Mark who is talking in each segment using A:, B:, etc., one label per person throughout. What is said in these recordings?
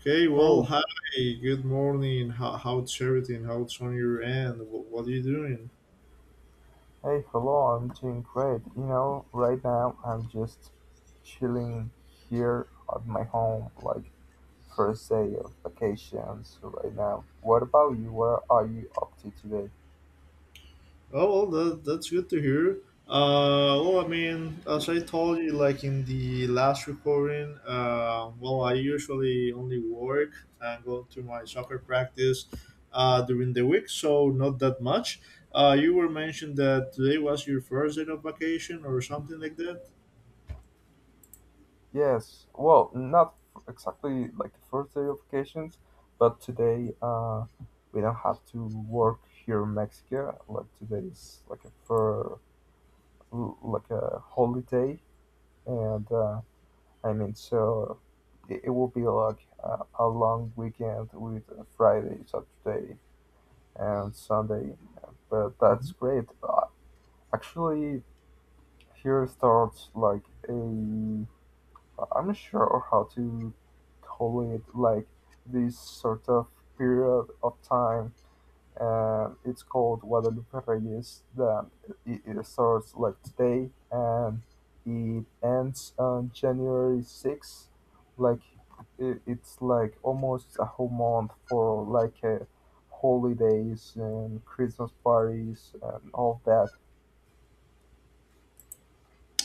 A: Hey,
B: Hi, good morning. How's everything? How's on your end? What are you doing?
A: hey, hello, I'm doing great. Right now I'm just chilling here at my home, like first day of vacations right now. What about you? Where are you up to today?
B: Oh, well, that's good to hear. I mean, as I told you, like in the last recording, I usually only work and go to my soccer practice during the week, so not that much. You were mentioned that today was your first day of vacation or something like that.
A: Yes, well, not exactly like the first day of vacations, but today we don't have to work here in Mexico. Like today is like a for like a holiday, and I mean, so it will be like a long weekend with Friday, Saturday, and Sunday. But
B: Mm-hmm.
A: that's great. Actually, here starts like a I'm not sure how to call it, like this sort of period of time, it's called Guadalupe Reyes. It starts like today and it ends on January 6th. Like it's like almost a whole month for like holidays and Christmas parties and all that.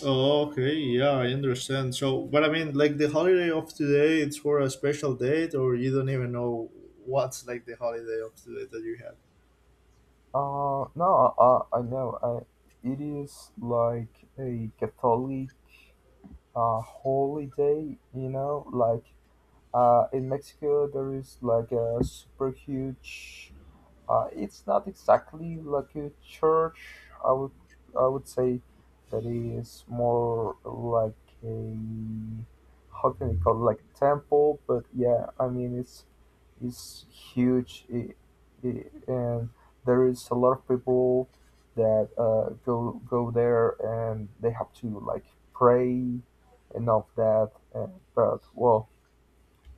B: Oh, okay, yeah, I understand. So, but I mean, like the holiday of today, it's for a special date, or you don't even know what's like the holiday of today that you have.
A: No, I know. It is like a Catholic holiday, like in Mexico, there is like a super huge. It's not exactly like a church. I would I would say that is more like a how can you call it, like a temple? But yeah, I mean it's huge, and there is a lot of people that go there, and they have to like pray and all of that. But well,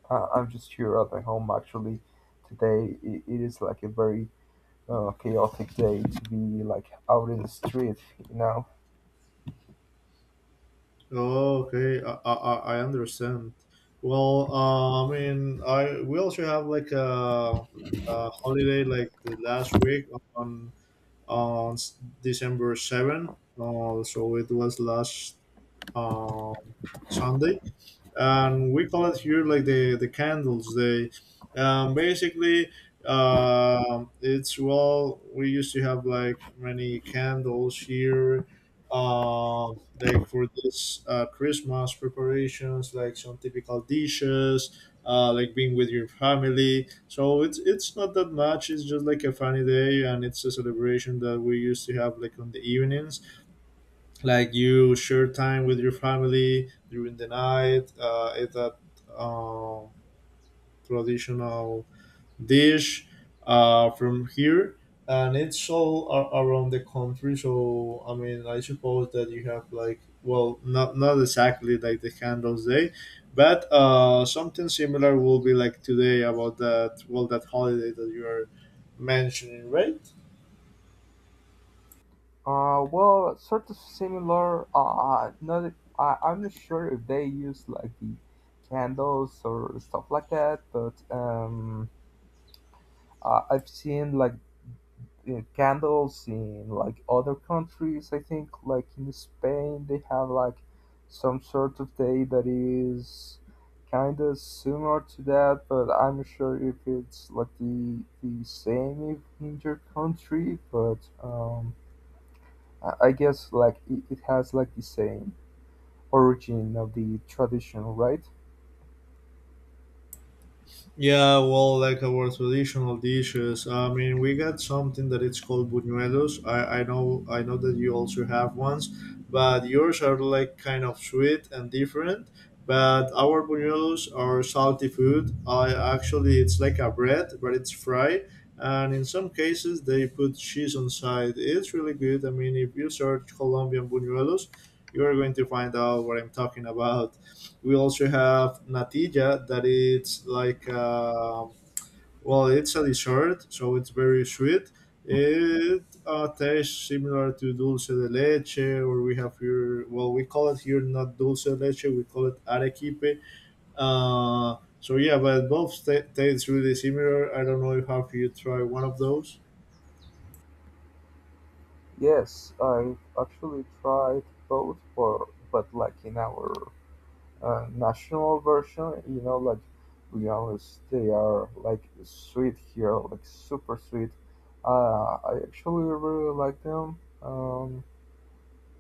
A: I'm just here at my home actually. Today it is like a very chaotic day to be like out in the street, you know.
B: Oh, okay, I understand. Well, I mean, I we also have like a holiday like the last week on on December 7th. So it was last um, Sunday. And we call it here like the candles day. Basically, it's, well, we used to have like many candles here, uh, like for this Christmas preparations, like some typical dishes, like being with your family. So it's not that much. It's just like a funny day, and it's a celebration that we used to have like on the evenings, like you share time with your family during the night, it's a um, traditional dish from here, and it's all around the country. So I mean, I suppose that you have like, well, not exactly like the candles day, but something similar will be like today about that, well, that holiday that you are mentioning, right?
A: Well, sort of similar. Not I, I'm not sure if they use like the candles or stuff like that, but I've seen like candles in like other countries. I think like in Spain they have like some sort of day that is kind of similar to that, but I'm not sure if it's like the same if in your country. But I guess like it has like the same origin of the tradition, right?
B: Yeah, well, like our traditional dishes. I mean, we got something that it's called buñuelos. I know that you also have ones, but yours are like kind of sweet and different. But our buñuelos are salty food. I actually it's like a bread, but it's fried, and in some cases they put cheese on side. It's really good. I mean, if you search Colombian buñuelos, you are going to find out what I'm talking about. We also have natilla that it's like, well, it's a dessert, so it's very sweet. It tastes similar to dulce de leche, or we have here. Well, we call it here not dulce de leche, we call it arequipe. So yeah, but both ta taste really similar. I don't know if have you tried one of those.
A: Yes, I actually tried both, but like in our national version, like bananas, they are like sweet here, like super sweet. I actually really like them,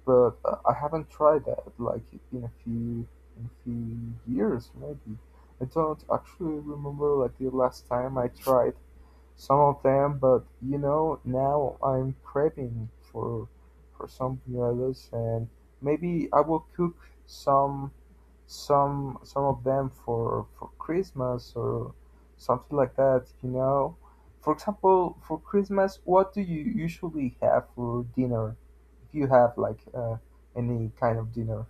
A: but I haven't tried that like in a few in a few years maybe. I don't actually remember like the last time I tried some of them, but now I'm craving for some bananas, and maybe I will cook some some of them for Christmas or something like that. For example, for Christmas, what do you usually have for dinner? If you have like any kind of dinner.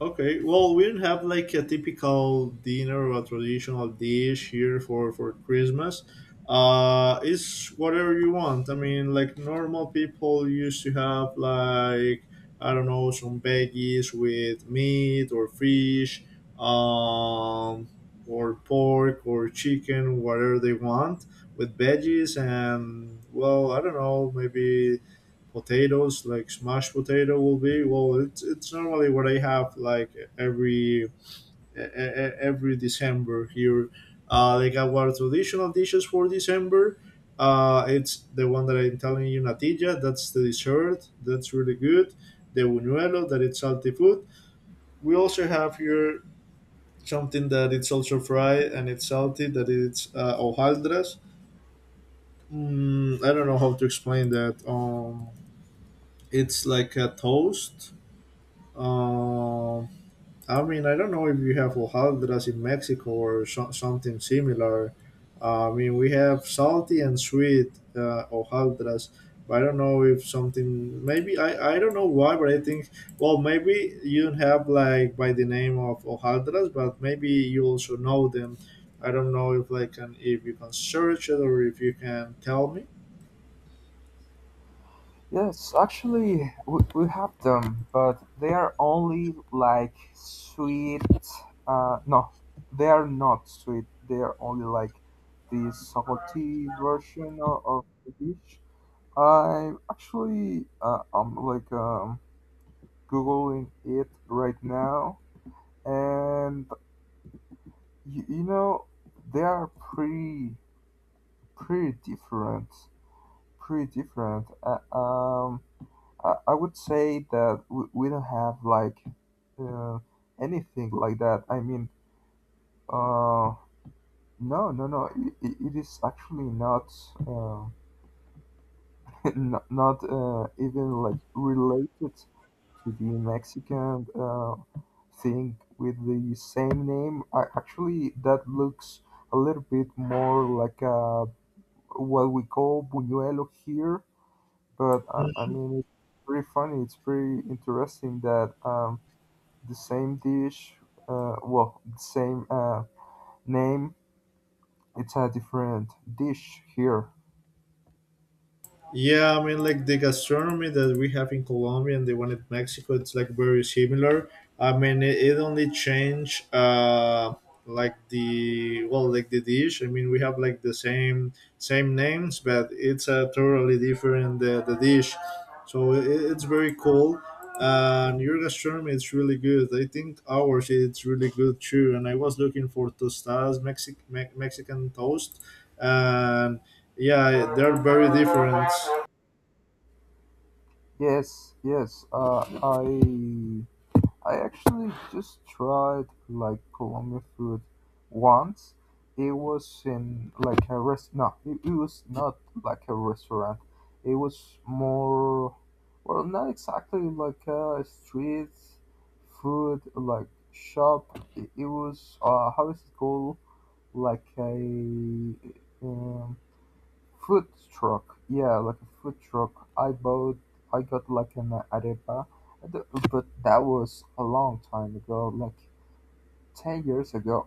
B: Okay, well, we don't have like a typical dinner or a traditional dish here for Christmas. It's whatever you want. I mean, like normal people used to have like, I don't know, some veggies with meat or fish, um, or pork or chicken, whatever they want with veggies. And well, I don't know, maybe potatoes, like smashed potato will be, well, it's normally what I have like every every December here. Like our traditional dishes for December, it's the one that I'm telling you, natilla. That's the dessert. That's really good. The buñuelo that it's salty food. We also have here something that it's also fried and it's salty, that it's hojaldras. I don't know how to explain that. It's like a toast. Uh, I mean, I don't know if you have hojaldras in Mexico or something similar. I mean, we have salty and sweet hojaldras, but I don't know if something. Maybe I don't know why, but I think, well, maybe you don't have like by the name of hojaldras, but maybe you also know them. I don't know if like can if you can search it or if you can tell me.
A: Yes, actually, we have them, but they are only like sweet. No, they are not sweet. They are only like the salty version of the dish. I'm like googling it right now, and you know they are pretty different, pretty different. I would say that we don't have like uh, anything like that. I mean, uh, no, no, no. It is actually not uh, not even like related to the Mexican. Thing with the same name. Actually, that looks a little bit more like what we call buñuelo here, but I mean, it's pretty funny. It's pretty interesting that the same dish, the same name, it's a different dish here.
B: Yeah, I mean, like the gastronomy that we have in Colombia and the one in Mexico, it's like very similar. I mean, it only change, like the, well, like the dish. I mean, we have like the same names, but it's totally different, the dish. So it's very cool. And your gastronomy is really good. I think ours it's really good too. And I was looking for tostadas, Mexican toast, and yeah, they're very different.
A: Yes, yes. I I actually just tried like Colombian food once. It was in like a rest. No, it was not like a restaurant. It was more, well, not exactly like a street food like shop. It was how is it called? Like a um, food truck, yeah, like a food truck. I got like an arepa, The- but that was a long time ago, like 10 years ago,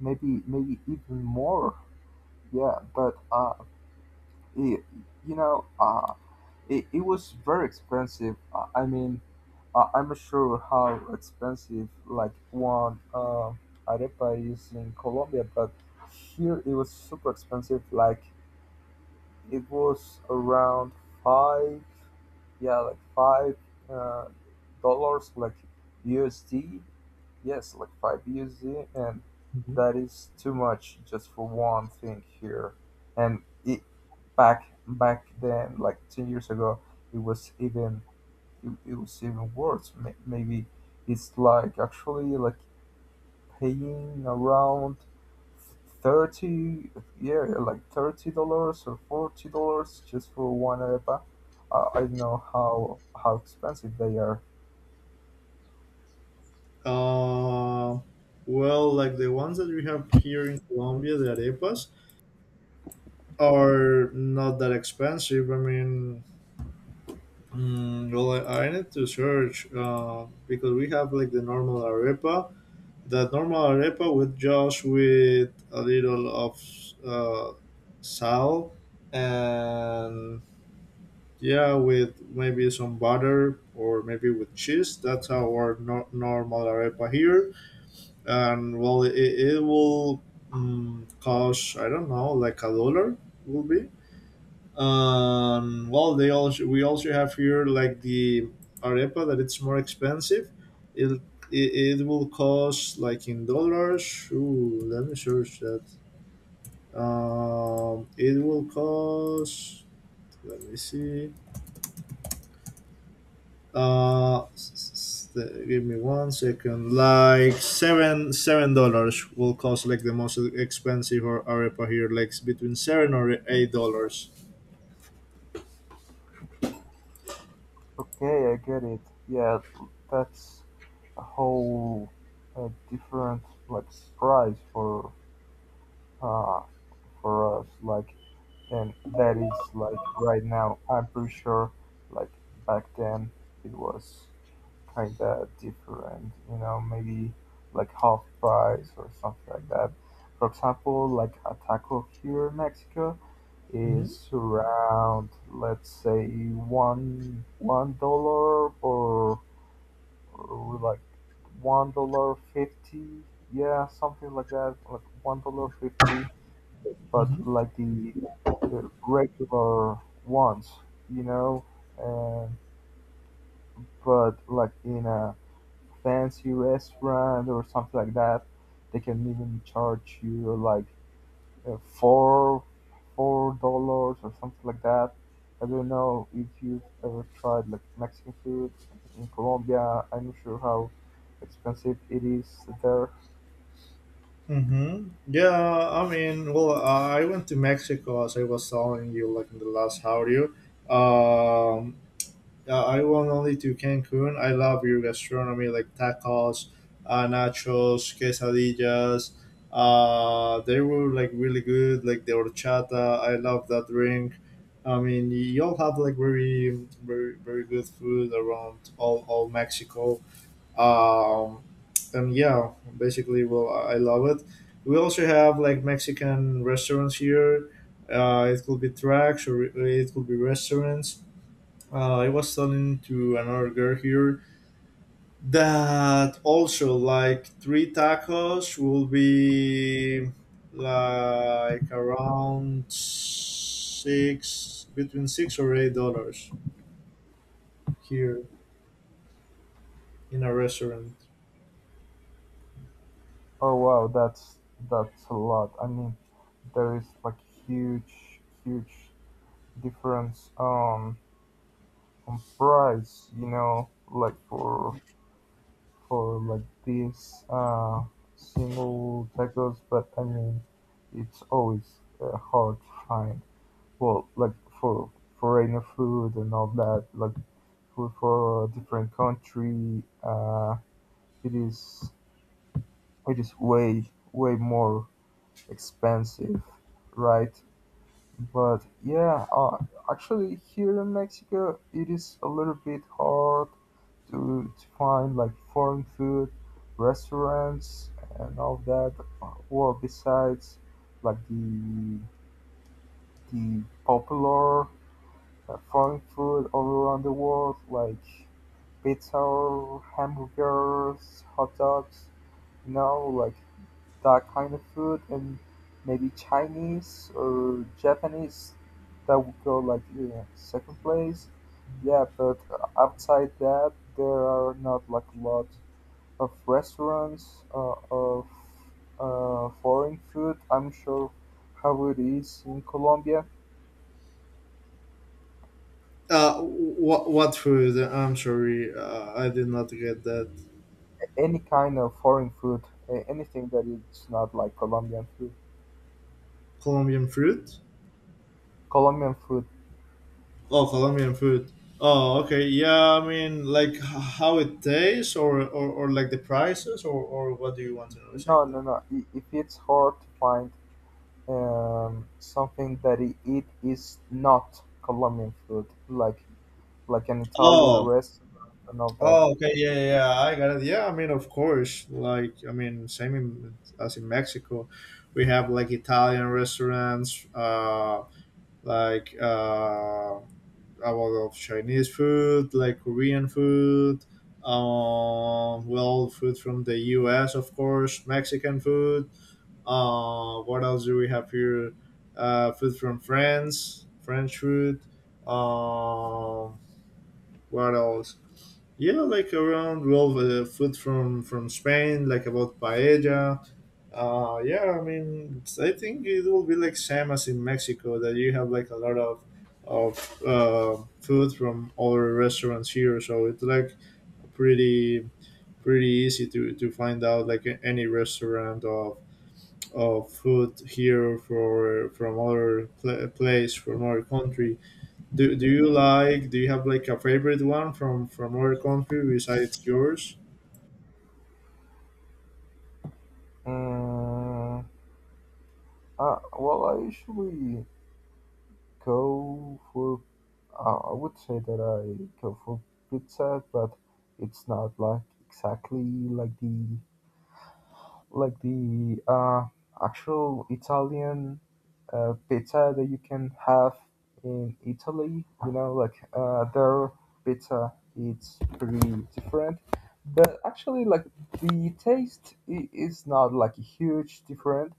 A: maybe even more. Yeah, but it, you know, uh, it was very expensive. I mean, I'm not sure how expensive like one arepa is in Colombia, but here it was super expensive. Like it was around five. Yeah, like five uh, dollars, like USD. Yes, like five USD, and
B: Mhm.
A: that is too much just for one thing here. And it back then, like 10 years ago, it was even it was even worse. Maybe it's like actually like paying around 30, yeah, like $30 or $40 just for one arepa. I don't know how expensive they are.
B: Uh, well, like the ones that we have here in Colombia, the arepas, are not that expensive. I mean, well, I need to search because we have like the normal arepa. That normal arepa, with just with a little of uh, sal and, yeah, with maybe some butter or maybe with cheese. That's our normal arepa here. And well, it will cost, I don't know, like a dollar will be. Well, they also, we also have here like the arepa that it's more expensive. It, it will cost like in dollars. Ooh, let me search that. It will cost, let me see. Uh, s- s- Give me one second. Like seven dollars will cost like the most expensive or arepa here, like between $7 or $8.
A: Okay, I get it. Yeah, that's a whole different like price uh for us, like, and that is like right now I'm pretty sure like back then it was kind of different, maybe like half price or something like that. For example, like a taco here in Mexico
B: Mhm.
A: is around, let's say, one one dollar or, like $1.50, yeah, something like that, like $1.50, but
B: Mhm.
A: like the regular ones, you know, and but like in a fancy restaurant or something like that, they can even charge you like four four dollars or something like that. I don't know if you've ever tried like Mexican food in Colombia. I'm not sure how expensive it is there.
B: Mhm. Yeah, I mean, well, I went to Mexico as I was telling you, like in the last audio. Um, Yeah, I went only to Cancun. I love your gastronomy, like tacos, nachos, quesadillas. They were like really good, like the horchata. I love that drink. I mean, y'all have like very, very, very good food around all Mexico. Um, and yeah, basically, well, I love it. We also have like Mexican restaurants here. It could be tracks or it could be restaurants. I was telling to another girl here that also like three tacos will be like around $6 or $8 here in a restaurant.
A: Oh wow, that's a lot. I mean, there is like huge difference on price. You know, like for like these single tacos, but I mean, it's always hard to find. Well, like for foreigner food and all that, like food for a different country, it is it is way more expensive, right? But yeah, actually here in Mexico, it is a little bit hard to find like foreign food, restaurants, and all that. Well, besides like the popular foreign food all around the world, like pizza, hamburgers, hot dogs. You know, like that kind of food and maybe Chinese or Japanese that would go like second place. Yeah, but outside that, there are not like a lot of restaurants of foreign food. I'm sure how it is in Colombia.
B: What food? I'm sorry, I did not get that.
A: Any kind of foreign food, anything that is not like Colombian food.
B: Colombian fruit.
A: Colombian food.
B: Oh, Colombian food. Oh, okay. Yeah, I mean, like how it tastes, or, or like the prices, or what do you want to know
A: No,
B: exactly?
A: no, no. If it's hard to find something that eat is not Colombian food, like an Italian
B: Oh,
A: restaurant and all that.
B: oh, okay. Yeah, yeah, yeah, I got it. Yeah, I mean, of course. Like, I mean, as in Mexico, we have like Italian restaurants, like a lot of Chinese food, like Korean food. Well, food from the U.S., of course, Mexican food. What else do we have here? Food from France, French food. Um, what else? Yeah, like around, well, food from Spain, like about paella. Yeah, I mean, it's, I think it will be like same as in Mexico, that you have like a lot of food from other restaurants here, so it's like pretty easy to find out like any restaurant of food here for from other place from other country. Do you have like a favorite one from other country besides yours?
A: Mm, well, I usually go for. I would say that I go for pizza, but it's not like exactly like the like the actual Italian pizza that you can have in Italy. You know, like their pizza, it's pretty different. But actually, like the taste is not like a huge different.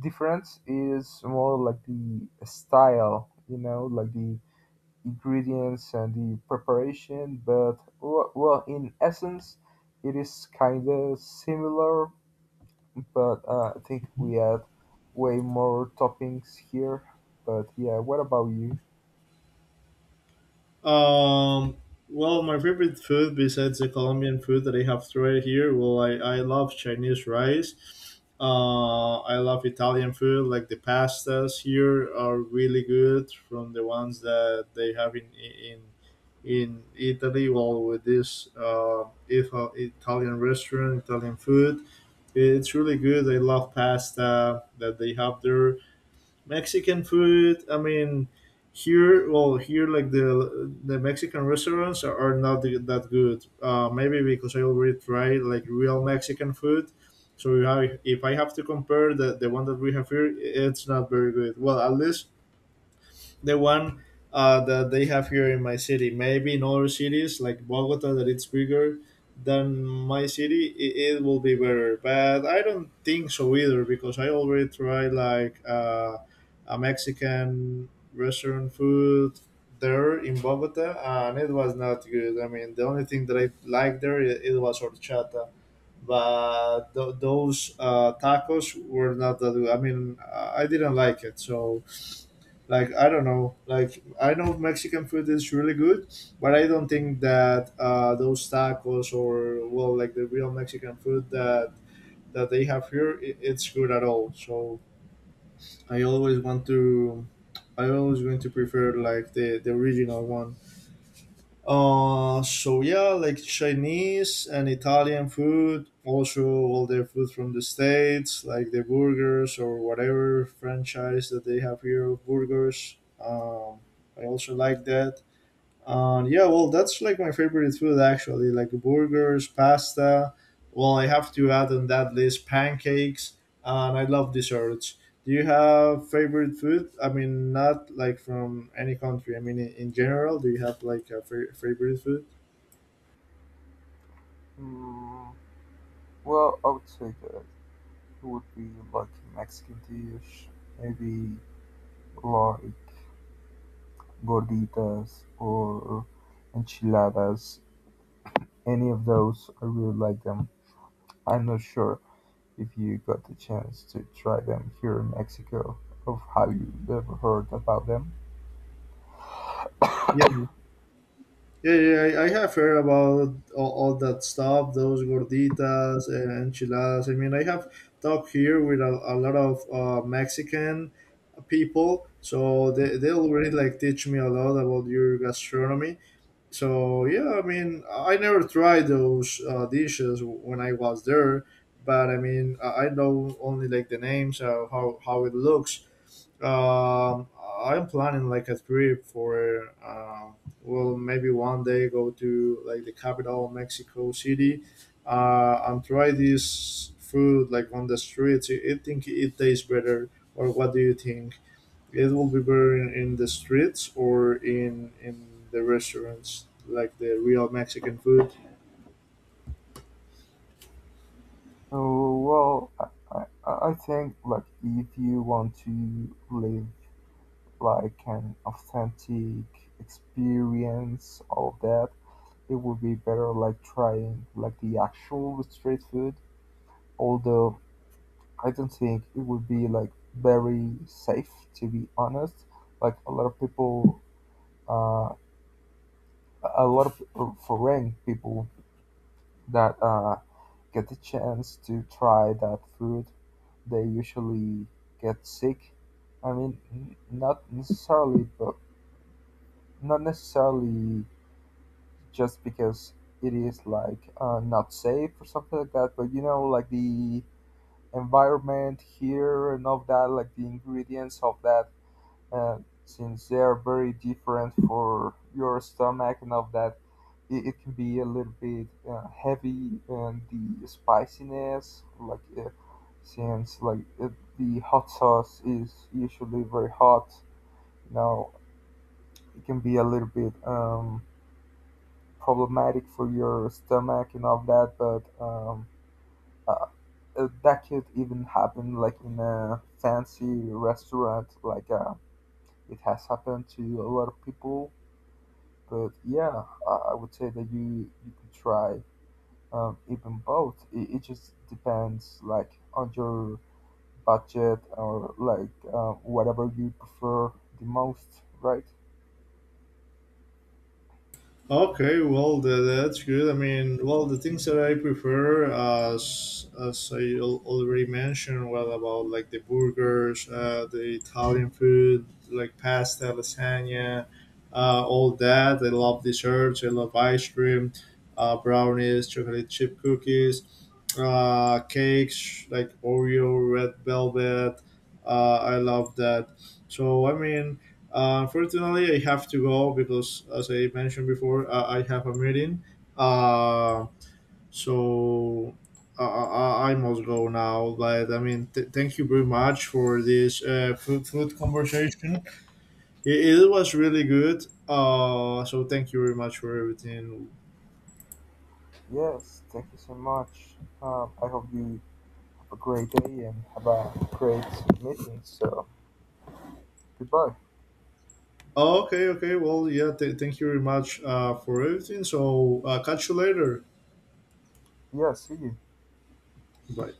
A: Difference is more like the style. You know, like the ingredients and the preparation. But well, in essence, it is kind of similar, but I think we add way more toppings here. But yeah, what about you?
B: Um, well, my favorite food besides the Colombian food that I have tried here, well, I love Chinese rice. I love Italian food, like the pastas here are really good from the ones that they have in Italy. Well, with this if, Italian restaurant, Italian food, it's really good. I love pasta that they have there. Mexican food. I mean, here, well, here, like the Mexican restaurants are not that good. Maybe because I already tried like real Mexican food. So if I have to compare the one that we have here, it's not very good. Well, at least the one that they have here in my city. Maybe in other cities like Bogota, that it's bigger than my city, it will be better. But I don't think so either, because I already tried like a Mexican restaurant food there in Bogota, and it was not good. I mean, the only thing that I liked there, it was horchata. But those tacos were not that good. I mean, I didn't like it. So, like, I don't know. Like, I know Mexican food is really good, but I don't think that those tacos, or, well, like the real Mexican food that they have here, I it's good at all. So I always want to, I always going to prefer like the original one. So yeah, like Chinese and Italian food, also all their food from the States, like the burgers or whatever franchise that they have here of burgers. Um, I also like that. Yeah, well, that's like my favorite food actually, like burgers, pasta. Well, I have to add on that list pancakes, and I love desserts. Do you have favorite food? I mean, not like from any country. I mean, in general, do you have like a favorite food?
A: Mm, well, I would say that it would be like Mexican dish, maybe like gorditas or enchiladas. Any of those, I really like them. I'm not sure if you got the chance to try them here in Mexico, of how you ever heard about them.
B: Yeah, yeah, yeah, I have heard about all that stuff, those gorditas and enchiladas. I mean, I have talked here with a lot of Mexican people, so they, they'll really like teach me a lot about your gastronomy. So yeah, I mean, I never tried those dishes when I was there, but I mean, I know only like the names, how it looks. Um, I'm planning like a trip for, well, maybe one day go to like the capital, Mexico City, and try this food like on the streets. I think it tastes better. Or what do you think? It will be better in the streets or in the restaurants, like the real Mexican food.
A: Oh, well, I think like if you want to live like an authentic experience, all of that, it would be better like trying like the actual street food. Although I don't think it would be like very safe to be honest. Like a lot of people, uh, a lot of foreign people that get the chance to try that food they usually get sick. I mean, not necessarily, but not necessarily just because it is like not safe or something like that. But you know, like the environment here and all that, like the ingredients of that uh, since they are very different for your stomach and all that, it can be a little bit heavy, and the spiciness like since like the hot sauce is usually very hot. Now it can be a little bit problematic for your stomach and all that, but uh, that could even happen like in a fancy restaurant, like it has happened to a lot of people. But yeah, I would say that you could try even both. It just depends like on your budget or like whatever you prefer the most, right?
B: Okay, well, that's good. I mean, well, the things that I prefer, as I already mentioned, well, about like the burgers, the Italian food, like pasta, lasagna, all that. I love desserts. I love ice cream, brownies, chocolate chip cookies, cakes like Oreo, red velvet. I love that. So I mean. Unfortunately, I have to go because, as I mentioned before, I have a meeting. Uh, so I must go now. But I mean, thank you very much for this food conversation. It was really good. So thank you very much for everything.
A: Yes, thank you so much. I hope you have a great day and have a great meeting. So goodbye.
B: Okay, okay. Well, yeah. Thank you very much for everything. So catch you later.
A: Yeah, see you.
B: Bye.